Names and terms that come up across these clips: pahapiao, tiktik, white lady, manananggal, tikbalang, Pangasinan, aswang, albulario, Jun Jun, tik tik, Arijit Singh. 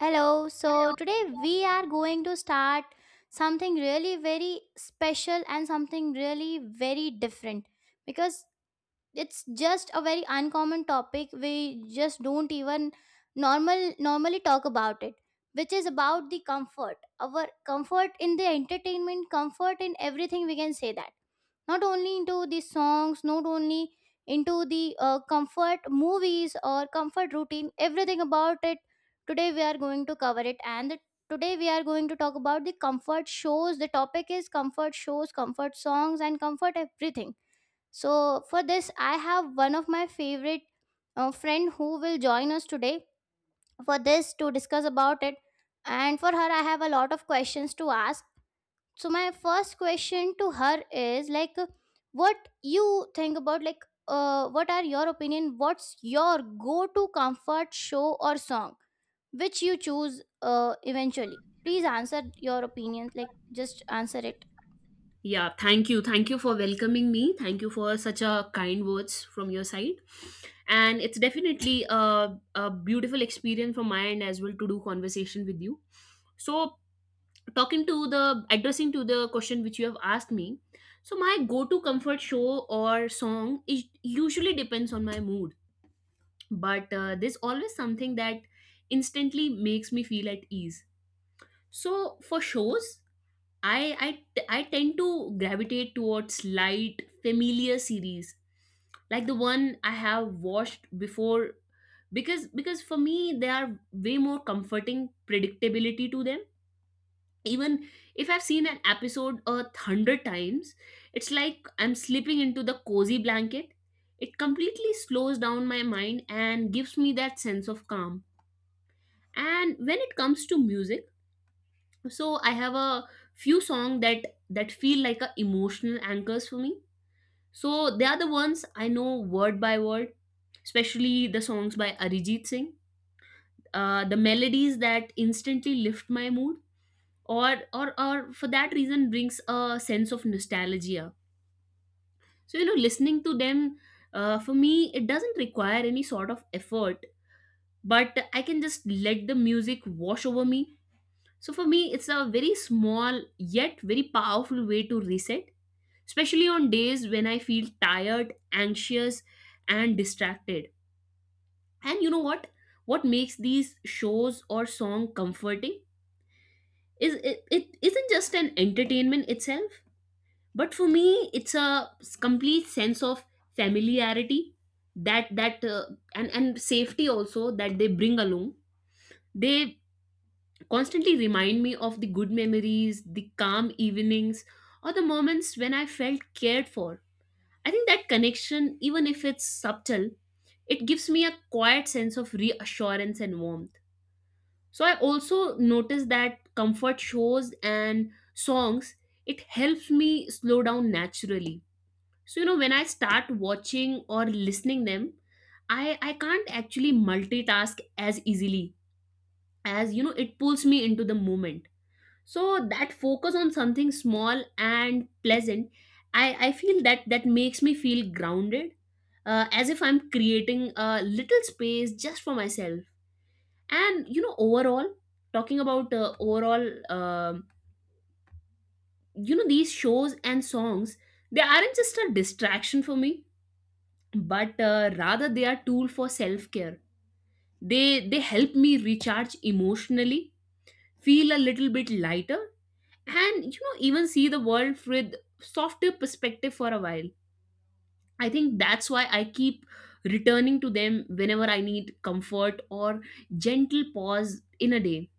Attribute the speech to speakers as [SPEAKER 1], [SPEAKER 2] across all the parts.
[SPEAKER 1] Hello, so
[SPEAKER 2] Hello.
[SPEAKER 1] today we are going to start something really very special and something really very different because it's just a very uncommon topic we just don't even normally talk about it, which is about the comfort, our comfort in the entertainment, comfort in everything we can say that, not only into the songs, not only into the comfort movies or comfort routine, everything about it. Today we are going to cover it, today we are going to talk about the comfort shows. The topic is comfort shows, comfort songs and comfort everything. So for this I have one of my favorite friend who will join us today for this to discuss about it, and for her I have a lot of questions to ask. So my first question to her is like, what you think about, like, what are your opinion, what's your go to comfort show or song which you choose eventually? Please answer your opinion, like just answer it.
[SPEAKER 2] Yeah, thank you. Thank you for welcoming me. Thank you for such a kind words from your side. And it's definitely a beautiful experience from my end as well to do conversation with you. So talking to the addressing to the question which you have asked me. So my go-to comfort show or song is usually depends on my mood, but there's always something that instantly makes me feel at ease. So for shows, I I tend to gravitate towards light, familiar series like the one I have watched before because for me they are way more comforting predictability to them. Even if I've seen an episode 100 times, it's like I'm slipping into the cozy blanket. It completely slows down my mind and gives me that sense of calm. And when it comes to music, so I have a few songs that feel like a emotional anchors for me, so they are the ones I know word by word, especially the songs by Arijit Singh. The melodies that instantly lift my mood or for that reason brings a sense of nostalgia. So you know, listening to them, for me it doesn't require any sort of effort, but I can just let the music wash over me. So for me it's a very small yet very powerful way to reset, especially on days when I feel tired, anxious, and distracted. And you know what? What makes these shows or song comforting is it isn't just an entertainment itself, but for me, it's a complete sense of familiarity that and safety also that they bring along. They constantly remind me of the good memories, the calm evenings, or the moments when I felt cared for. I think that connection, even if it's subtle, it gives me a quiet sense of reassurance and warmth. So I also notice that comfort shows and songs, it helps me slow down naturally. So you know, when I start watching or listening them, I can't actually multitask as easily, as you know it pulls me into the moment, so that focus on something small and pleasant, I feel that makes me feel grounded, as if I'm creating a little space just for myself. And you know, overall, talking about overall, you know, these shows and songs, they aren't just a distraction for me, but rather they are tool for self care. They help me recharge emotionally, feel a little bit lighter, and you know, even see the world with softer perspective for a while. I think that's why I keep returning to them whenever I need comfort or gentle pause in a day.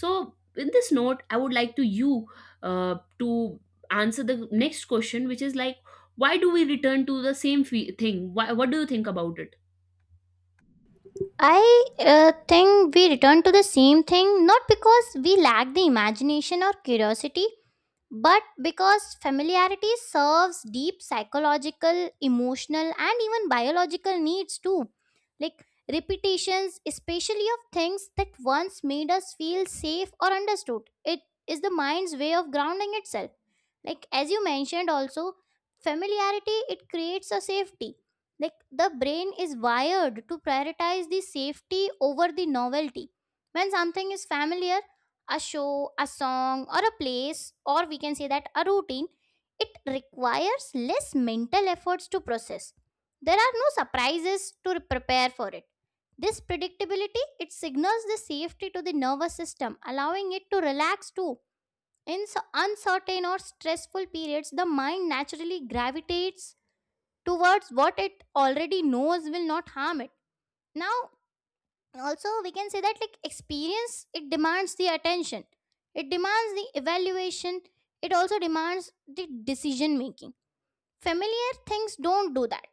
[SPEAKER 2] So in this note I would like to you to answer the next question which is like why do we return to the same thing, why, what do you think about it?
[SPEAKER 1] I think we return to the same thing not because we lack the imagination or curiosity, but because familiarity serves deep psychological, emotional and even biological needs too. Like repetitions, especially of things that once made us feel safe or understood, it is the mind's way of grounding itself. Like as you mentioned also, familiarity, it creates a safety. Like the brain is wired to prioritize the safety over the novelty. When something is familiar, a show, a song, or a place, or we can say that a routine, it requires less mental efforts to process. There are no surprises to prepare for it. This predictability, it signals the safety to the nervous system, allowing it to relax too. Uncertain or stressful periods, the mind naturally gravitates towards what it already knows will not harm it. Now, also we can say that, like, experience, it demands the attention, it demands the evaluation, it also demands the decision making. Familiar things don't do that.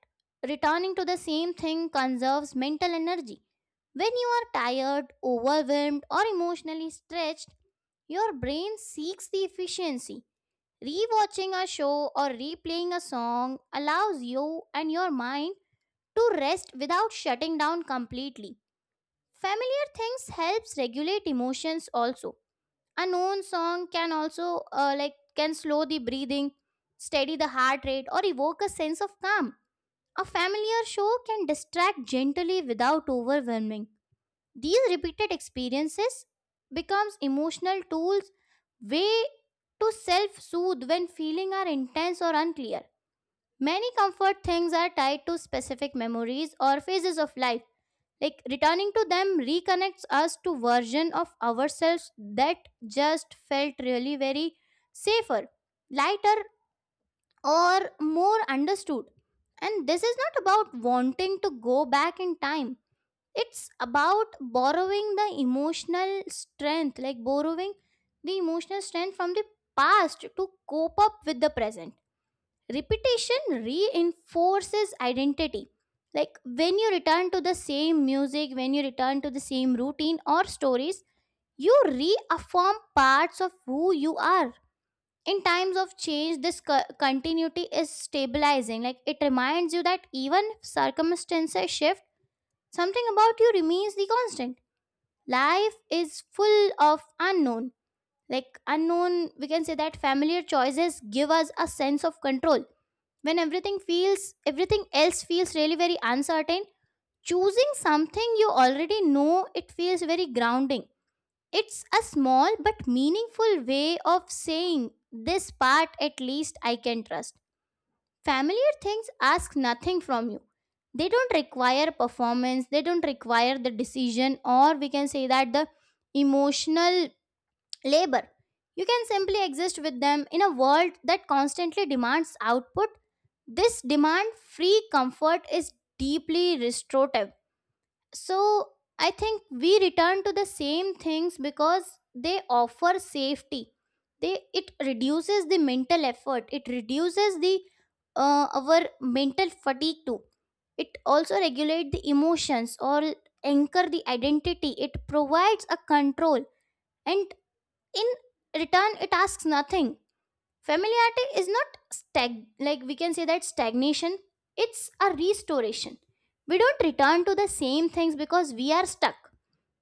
[SPEAKER 1] Returning to the same thing conserves mental energy. When you are tired, overwhelmed or emotionally stretched, your brain seeks the efficiency. Rewatching a show or replaying a song allows you and your mind to rest without shutting down completely. Familiar things helps regulate emotions also. A known song can also like can slow the breathing, steady the heart rate or evoke a sense of calm. A familiar show can distract gently without overwhelming. These repeated experiences becomes emotional tools, way to self-soothe when feeling are intense or unclear. Many comfort things are tied to specific memories or phases of life. Like returning to them reconnects us to version of ourselves that just felt really very safer, lighter or more understood. And this is not about wanting to go back in time, it's about borrowing the emotional strength, like borrowing the emotional strength from the past to cope up with the present. Repetition reinforces identity. Like when you return to the same music, when you return to the same routine or stories, you reaffirm parts of who you are. In times of change, this continuity is stabilizing. Like it reminds you that even if circumstances shift, something about you remains the constant. Life is full of unknown, like unknown, we can say that familiar choices give us a sense of control. When everything feels, everything else feels really very uncertain, choosing something you already know, it feels very grounding. It's a small but meaningful way of saying, this part at least I can trust. Familiar things ask nothing from you. They don't require performance, they don't require the decision, or we can say that the emotional labor. You can simply exist with them in a world that constantly demands output. This demand free comfort is deeply restorative. So, I think we return to the same things because they offer safety. They, it reduces the mental effort. It reduces the our mental fatigue too. It also regulates the emotions or anchor the identity. It provides a control, and in return it asks nothing. Familiarity is not stag like we can say that stagnation, it's a restoration. We don't return to the same things because we are stuck,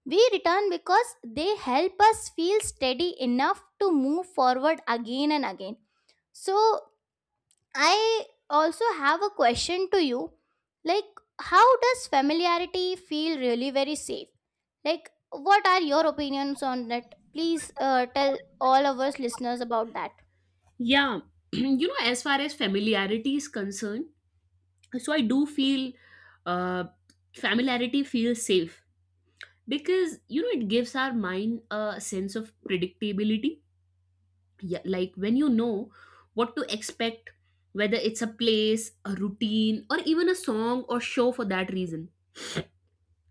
[SPEAKER 1] we return because they help us feel steady enough to move forward again and again. So I also have a question to you. Like, how does familiarity feel really very safe? Like, what are your opinions on that? Please tell all of us listeners about that.
[SPEAKER 2] Yeah. You know, as far as familiarity is concerned, so I do feel, uh, familiarity feels safe because you know it gives our mind a sense of predictability. Yeah, like when you know what to expect, whether it's a place, a routine, or even a song or show for that reason.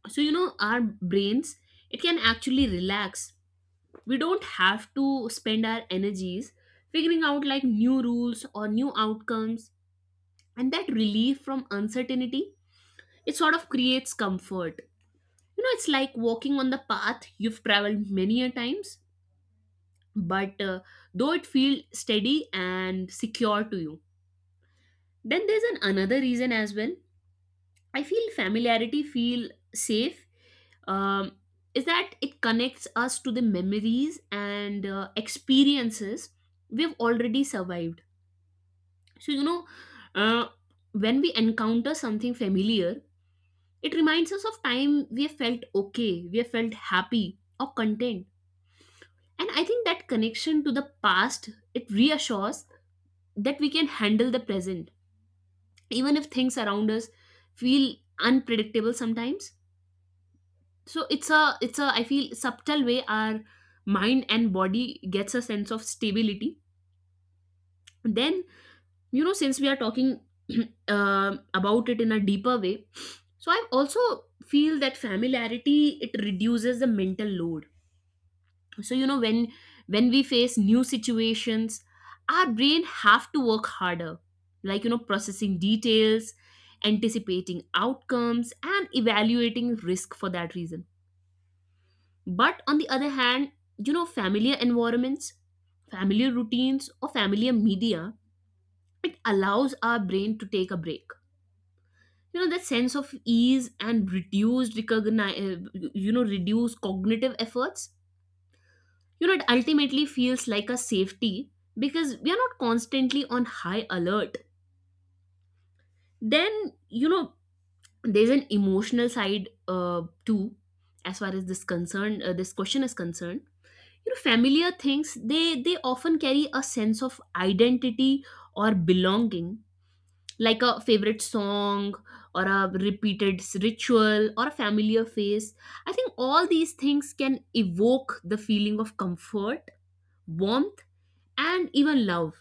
[SPEAKER 2] So you know, our brains, it can actually relax. We don't have to spend our energies figuring out like new rules or new outcomes, and that relief from uncertainty, it sort of creates comfort. You know, it's like walking on the path you've traveled many a times, but though it feels steady and secure to you. Then there's an another reason as well. I feel familiarity feel safe, um, is that it connects us to the memories and experiences we've already survived. So you know, uh, when we encounter something familiar, it reminds us of time we have felt okay, we have felt happy, or content. And I think that connection to the past, it reassures that we can handle the present, even if things around us feel unpredictable sometimes. So it's a I feel subtle way our mind and body gets a sense of stability. Then, you know, since we are talking, about it in a deeper way, so I also feel that familiarity it reduces the mental load. So you know, when we face new situations, our brain have to work harder, like you know, processing details, anticipating outcomes, and evaluating risk for that reason. But on the other hand, you know, familiar environments, familiar routines, or familiar media, it allows our brain to take a break. You know, that sense of ease and reduced recognize, you know, reduced cognitive efforts. You know, it ultimately feels like a safety because we are not constantly on high alert. Then, you know, there's an emotional side too, as far as this concern, this question is concerned. You know, familiar things they often carry a sense of identity or belonging, like a favorite song or a repeated ritual or a familiar face. I think all these things can evoke the feeling of comfort, warmth, and even love.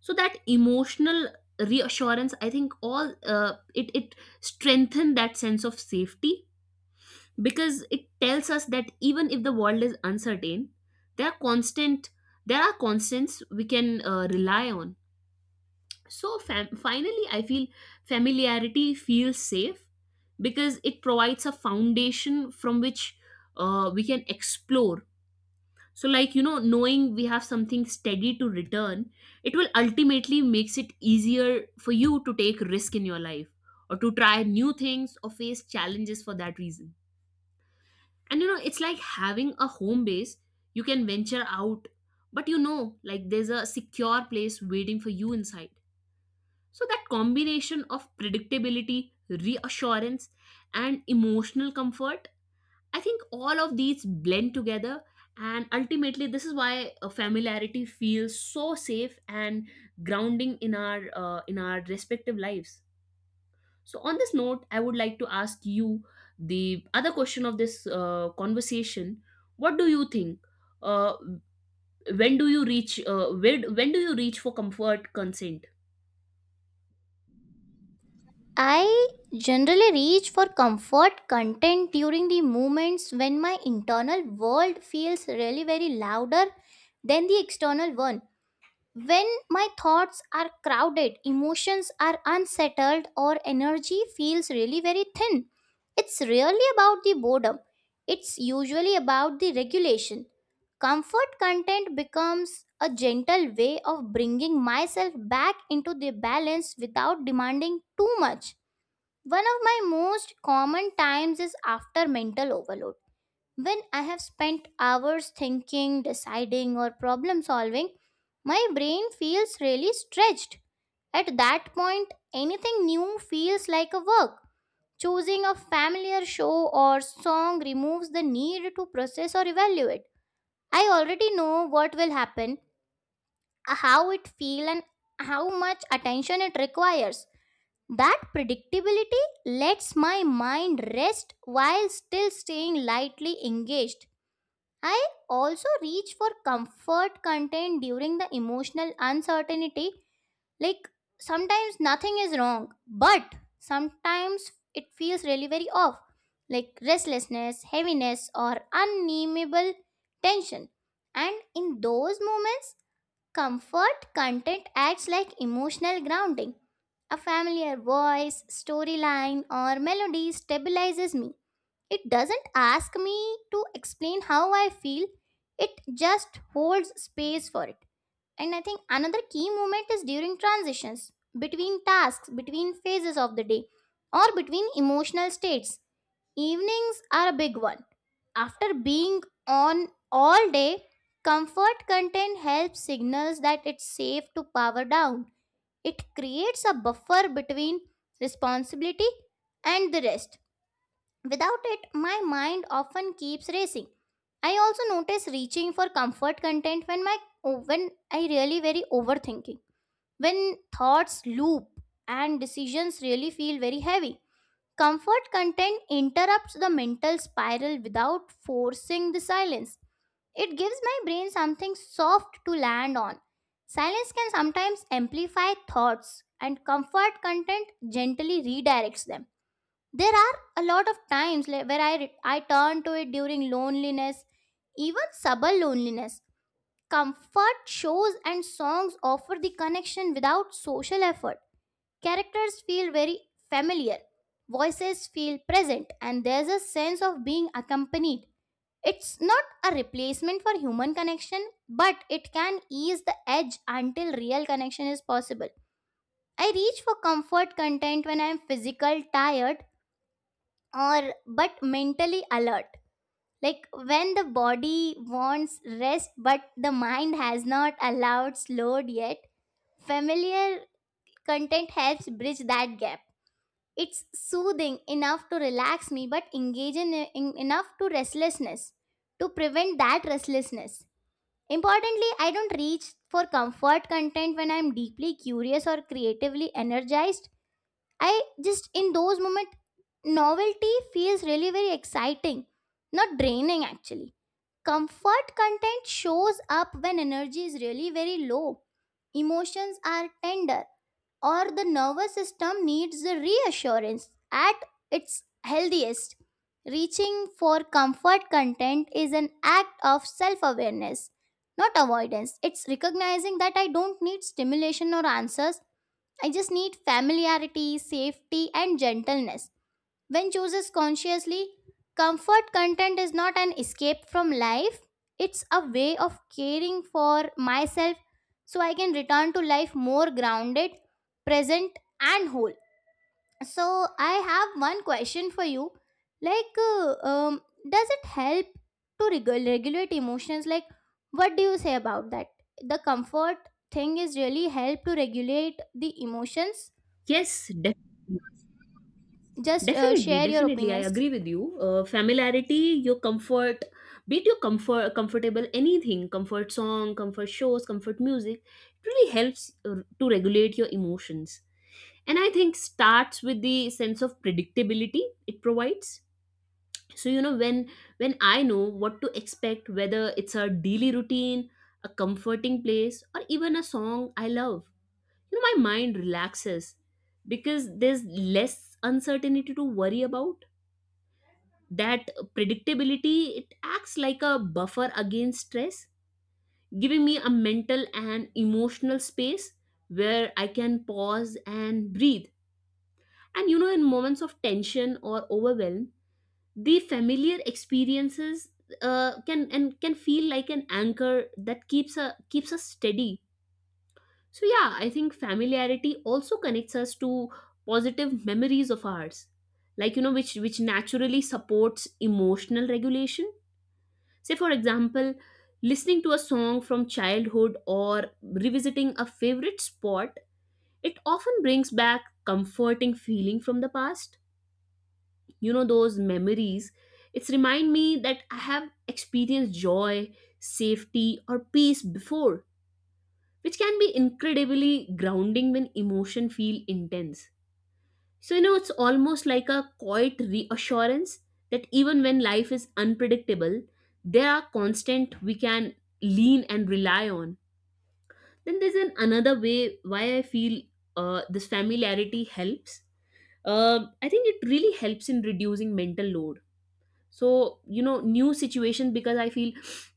[SPEAKER 2] So that emotional reassurance, I think all it strengthened that sense of safety, because it tells us that even if the world is uncertain, there are constant there are constants we can rely on. So finally I feel familiarity feels safe because it provides a foundation from which we can explore. So like you know, knowing we have something steady to return, it will ultimately makes it easier for you to take risk in your life, or to try new things or face challenges for that reason. And you know, it's like having a home base, you can venture out, but you know, like there's a secure place waiting for you inside. So that combination of predictability, reassurance, and emotional comfort, I think all of these blend together, and ultimately, this is why familiarity feels so safe and grounding in our respective lives. So, on this note, I would like to ask you the other question of this conversation. What do you think? Uh, when do you reach? Where, when do you reach for comfort consent?
[SPEAKER 1] I generally reach for comfort content during the moments when my internal world feels really very louder than the external one. When my thoughts are crowded, emotions are unsettled, or energy feels really very thin, it's really about the boredom. It's usually about the regulation. Comfort content becomes a gentle way of bringing myself back into the balance without demanding too much. One of my most common times is after mental overload, when I have spent hours thinking, deciding, or problem solving, my brain feels really stretched. At that point, anything new feels like a work. Choosing a familiar show or song removes the need to process or evaluate. I already know what will happen, how it feels, and how much attention it requires. That predictability lets my mind rest while still staying lightly engaged. I also reach for comfort content during the emotional uncertainty. Like sometimes nothing is wrong, but sometimes it feels really very off, like restlessness, heaviness, or unnameable tension. And in those moments, comfort content acts like emotional grounding. A familiar voice, storyline, or melody stabilizes me. It doesn't ask me to explain how I feel, it just holds space for it. And I think another key moment is during transitions, between tasks, between phases of the day, or between emotional states. Evenings are a big one. After being on all day, comfort content helps signals that it's safe to power down. It creates a buffer between responsibility and the rest. Without it, my mind often keeps racing. I also notice reaching for comfort content when my when I really very overthinking. When thoughts loop and decisions really feel very heavy. Comfort content interrupts the mental spiral without forcing the silence. It gives my brain something soft to land on. Silence can sometimes amplify thoughts, and comfort content gently redirects them. There are a lot of times, like, where I turn to it during loneliness, even subtle loneliness. Comfort shows and songs offer the connection without social effort. Characters feel very familiar, voices feel present, and there's a sense of being accompanied. It's not a replacement for human connection, but it can ease the edge until real connection is possible. I reach for comfort content when I'm physical tired or but mentally alert, like when the body wants rest but the mind has not allowed slowed yet. Familiar content helps bridge that gap. It's soothing enough to relax me but engaging in, enough to restlessness, to prevent that restlessness. Importantly, I don't reach for comfort content when I'm deeply curious or creatively energized. I just in those moments, novelty feels really very exciting, not draining actually. Comfort content shows up when energy is really very low, emotions are tender, or the nervous system needs a reassurance at its healthiest. Reaching for comfort content is an act of self awareness, not avoidance. It's recognizing that I don't need stimulation or answers, I just need familiarity, safety, and gentleness. When chooses consciously, comfort content is not an escape from life, it's a way of caring for myself so I can return to life more grounded, present, and whole. So, I have one question for you. Like, does it help to regulate emotions? Like, what do you say about that? The comfort thing is really help to regulate the emotions?
[SPEAKER 2] Yes, definitely.
[SPEAKER 1] Just
[SPEAKER 2] Definitely,
[SPEAKER 1] share your
[SPEAKER 2] definitely, I
[SPEAKER 1] opinions.
[SPEAKER 2] agree with you. Familiarity, your comfort, be it your comfort, comfortable anything, comfort song, comfort shows, comfort music, it really helps to regulate your emotions. And I think starts with the sense of predictability it provides. So you know, when I know what to expect, whether it's a daily routine, a comforting place, or even a song I love, you know my mind relaxes because there's less uncertainty to worry about. That predictability, it acts like a buffer against stress, giving me a mental and emotional space where I can pause and breathe. And you know, in moments of tension or overwhelm, the familiar experiences, can and can feel like an anchor that keeps us steady. So yeah, I think familiarity also connects us to positive memories of ours, like you know, which naturally supports emotional regulation. Say, for example, listening to a song from childhood or revisiting a favorite spot, it often brings back comforting feeling from the past. You know, those memories, it's remind me that I have experienced joy, safety, or peace before, which can be incredibly grounding when emotion feel intense. So, you know, it's almost like a quiet reassurance that even when life is unpredictable, there are constant we can lean and rely on. Then there's an another way why I feel this familiarity helps. I think it really helps in reducing mental load. So, you know, new situation because I feel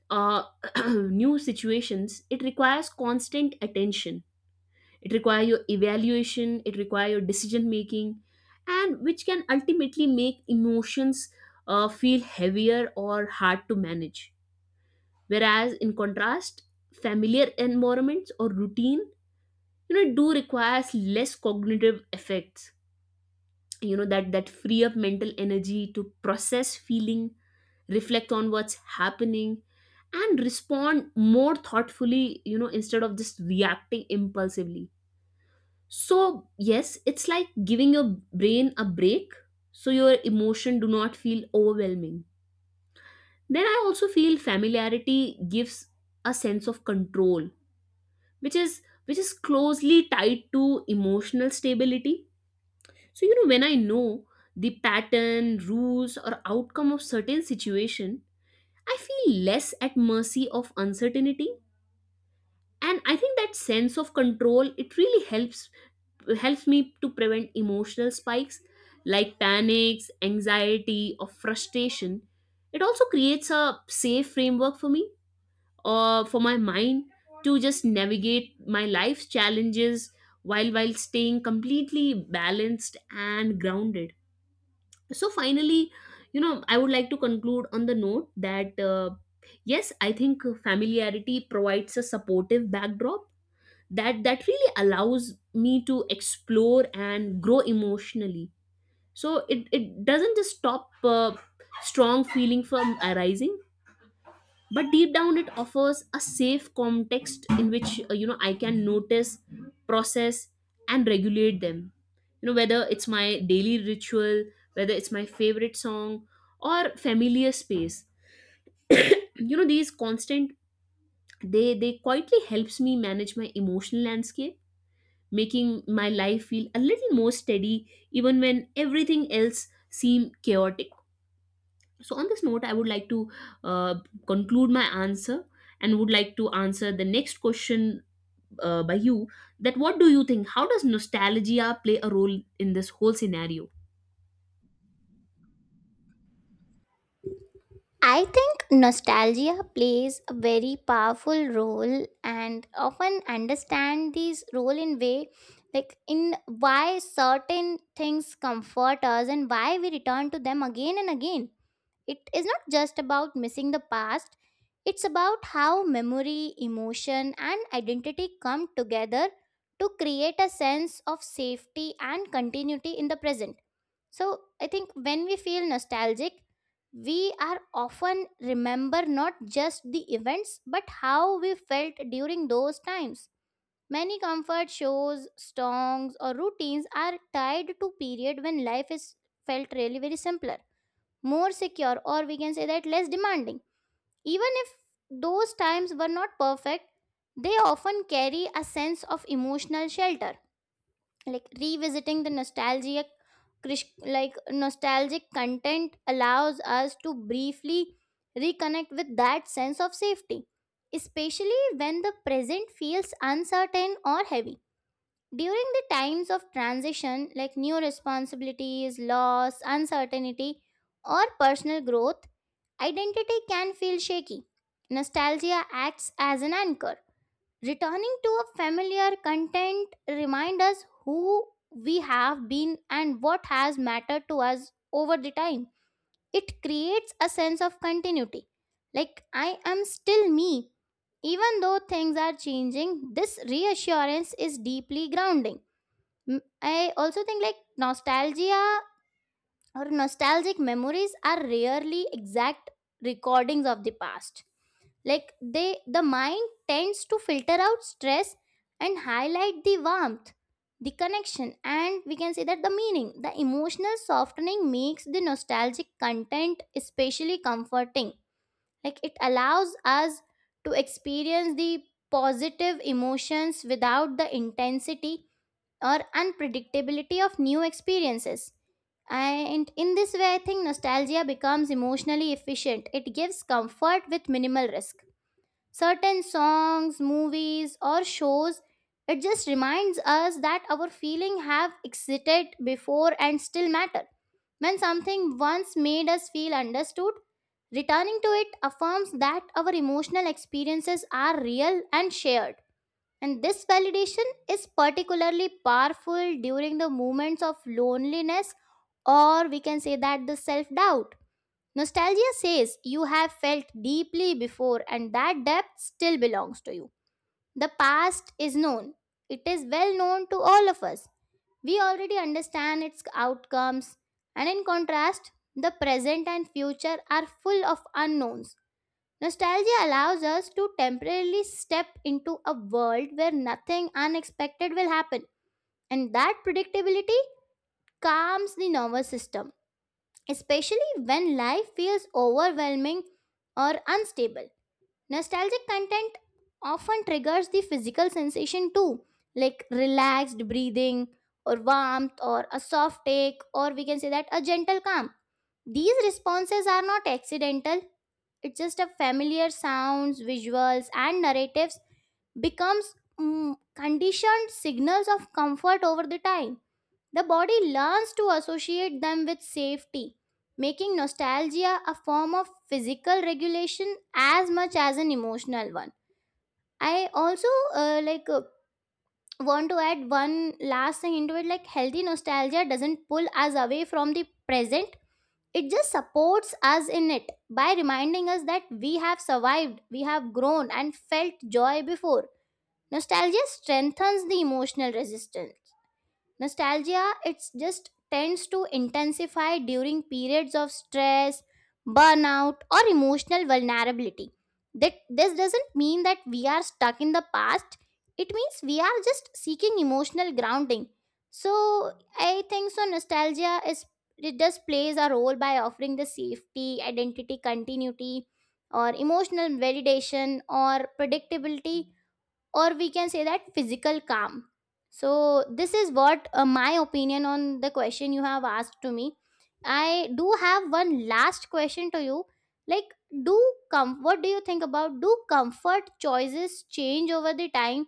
[SPEAKER 2] uh, new situations, it requires constant attention, it requires your evaluation, it requires your decision making, and which can ultimately make emotions feel heavier or hard to manage. Whereas in contrast, familiar environments or routine, you know, do requires less cognitive effects. You know, that free up mental energy to process feeling, reflect on what's happening, and respond more thoughtfully, you know, instead of just reacting impulsively. So, yes, it's like giving your brain a break so your emotion do not feel overwhelming. Then I also feel familiarity gives a sense of control, which is closely tied to emotional stability. So, you know, when I know the pattern, rules or outcome of certain situation, I feel less at mercy of uncertainty. And I think that sense of control it really helps me to prevent emotional spikes like panics, anxiety, or frustration. It also creates a safe framework for me or for my mind to just navigate my life's challenges while staying completely balanced and grounded. So finally, you know, I would like to conclude on the note that yes, I think familiarity provides a supportive backdrop that really allows me to explore and grow emotionally, so it doesn't just stop strong feeling from arising, but deep down it offers a safe context in which I can notice, process, and regulate them. You know, whether it's my daily ritual, whether it's my favorite song or familiar space, you know, these constant, they quietly helps me manage my emotional landscape, making my life feel a little more steady even when everything else seem chaotic. So on this note, I would like to uh, conclude my answer and would like to answer the next question by you: that what do you think, how does nostalgia play a role in this whole scenario?
[SPEAKER 1] I think nostalgia plays a very powerful role and often understand this role in way, like in why certain things comfort us and why we return to them again and again. It is not just about missing the past, it's about how memory, emotion and identity come together to create a sense of safety and continuity in the present. So I think when we feel nostalgic, we are often remember not just the events but how we felt during those times. Many comfort shows, songs, or routines are tied to period when life is felt really very simpler, more secure, or we can say that less demanding. Even if those times were not perfect, they often carry a sense of emotional shelter, like revisiting the nostalgic like nostalgic content allows us to briefly reconnect with that sense of safety, especially when the present feels uncertain or heavy. During the times of transition, like new responsibilities, loss, uncertainty or personal growth, identity can feel shaky. Nostalgia acts as an anchor. Returning to a familiar content reminds us who we have been and what has mattered to us over the time. It creates a sense of continuity. Like I am still me. Even though things are changing, this reassurance is deeply grounding. I also think, like, nostalgia or nostalgic memories are rarely exact recordings of the past, like they, the mind tends to filter out stress and highlight the warmth, the connection, and we can say that the meaning. The emotional softening makes the nostalgic content especially comforting. Like it allows us to experience the positive emotions without the intensity or unpredictability of new experiences. And in this way, I think nostalgia becomes emotionally efficient. It gives comfort with minimal risk. Certain songs, movies or shows, it just reminds us that our feeling have existed before and still matter. When something once made us feel understood, returning to it affirms that our emotional experiences are real and shared, and this validation is particularly powerful during the moments of loneliness, or we can say that the self doubt. Nostalgia says you have felt deeply before and that depth still belongs to you. The past is known. It is well known to all of us. We already understand its outcomes. And in contrast, the present and future are full of unknowns. Nostalgia allows us to temporarily step into a world where nothing unexpected will happen. And that predictability calms the nervous system, especially when life feels overwhelming or unstable. Nostalgic content often triggers the physical sensation too, like relaxed breathing, or warmth, or a soft take, or we can say that a gentle calm. These responses are not accidental. It's just a familiar sounds, visuals, and narratives becomes conditioned signals of comfort over the time. The body learns to associate them with safety, making nostalgia a form of physical regulation as much as an emotional one. I also uh, like uh, want to add one last thing into it, like healthy nostalgia doesn't pull us away from the present. It just supports us in it by reminding us that we have survived, we have grown and felt joy before. Nostalgia strengthens the emotional resistance. Nostalgia, it's just tends to intensify during periods of stress, burnout or emotional vulnerability. That this doesn't mean that we are stuck in the past. It means we are just seeking emotional grounding. So I think so nostalgia is, it just plays a role by offering the safety, identity, continuity or emotional validation or predictability, or we can say that physical calm. So this is what my opinion on the question you have asked to me. I do have one last question to you, like, do com what do you think about, do comfort choices change over the time?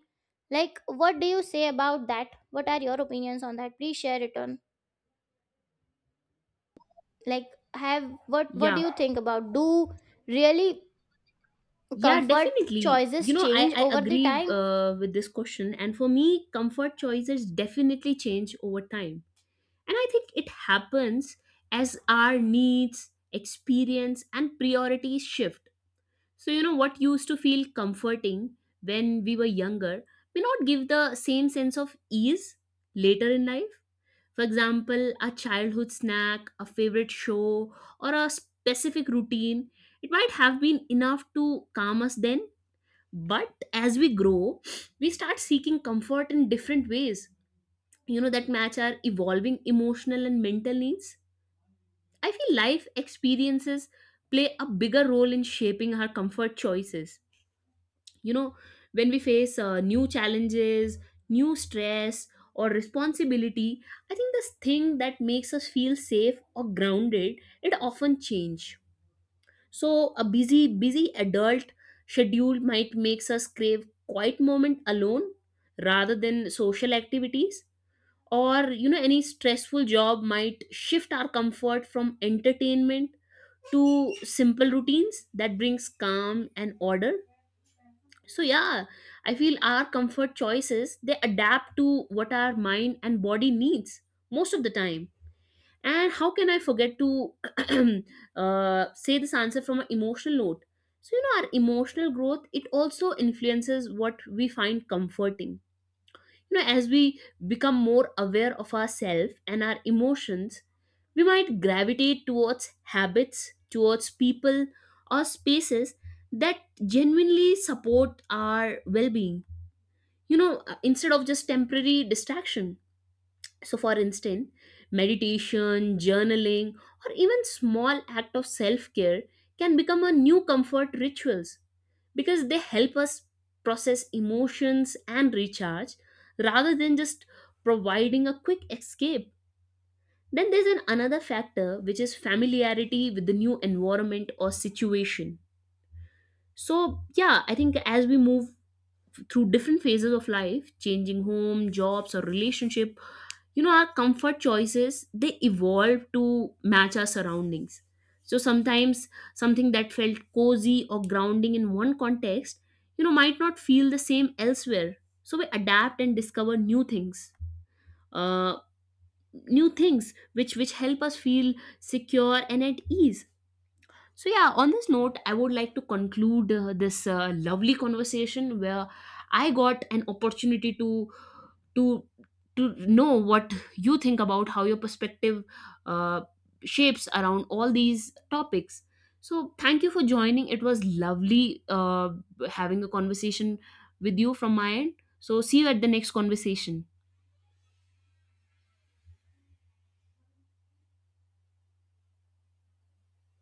[SPEAKER 1] Like what do you say about that? What are your opinions on that? Please share it on. Like, have what
[SPEAKER 2] Yeah.
[SPEAKER 1] do you think about, do really
[SPEAKER 2] Yeah,
[SPEAKER 1] comfort
[SPEAKER 2] definitely, you
[SPEAKER 1] choices
[SPEAKER 2] know, i
[SPEAKER 1] change
[SPEAKER 2] i
[SPEAKER 1] over the
[SPEAKER 2] agree
[SPEAKER 1] time?
[SPEAKER 2] with this question, and for me, comfort choices definitely change over time. And I think it happens as our needs, experience, and priorities shift. So, you know, what used to feel comforting when we were younger may not give the same sense of ease later in life. For example, a childhood snack, a favorite show, or a specific routine, it might have been enough to calm us then. But as we grow, we start seeking comfort in different ways, you know, that match our evolving emotional and mental needs. I feel life experiences play a bigger role in shaping our comfort choices. You know, when we face new challenges, new stress, or responsibility, I think this thing that makes us feel safe or grounded, it often change. So a busy, busy adult schedule might makes us crave quiet moment alone rather than social activities, or you know, any stressful job might shift our comfort from entertainment to simple routines that brings calm and order. So yeah, I feel our comfort choices, they adapt to what our mind and body needs most of the time. And how can I forget to say this answer from an emotional note. So you know, our emotional growth, it also influences what we find comforting. You know, as we become more aware of ourselves and our emotions, we might gravitate towards habits, towards people or spaces that genuinely support our well-being, you know, instead of just temporary distraction. So for instance, meditation, journaling, or even small act of self-care can become a new comfort rituals, because they help us process emotions and recharge rather than just providing a quick escape. Then there's an another factor, which is familiarity with the new environment or situation. So, yeah, I think as we move through different phases of life, changing home, jobs, or relationship, you know, our comfort choices, they evolve to match our surroundings. So sometimes, something that felt cozy or grounding in one context, you know, might not feel the same elsewhere. So we adapt and discover new things, uh, new things which help us feel secure and at ease. So, yeah, on this note, I would like to conclude this lovely conversation where I got an opportunity to to to know what you think, about how your perspective uh, shapes around all these topics. So, thank you for joining. It was lovely having a conversation with you from my end. So, see you at the next conversation.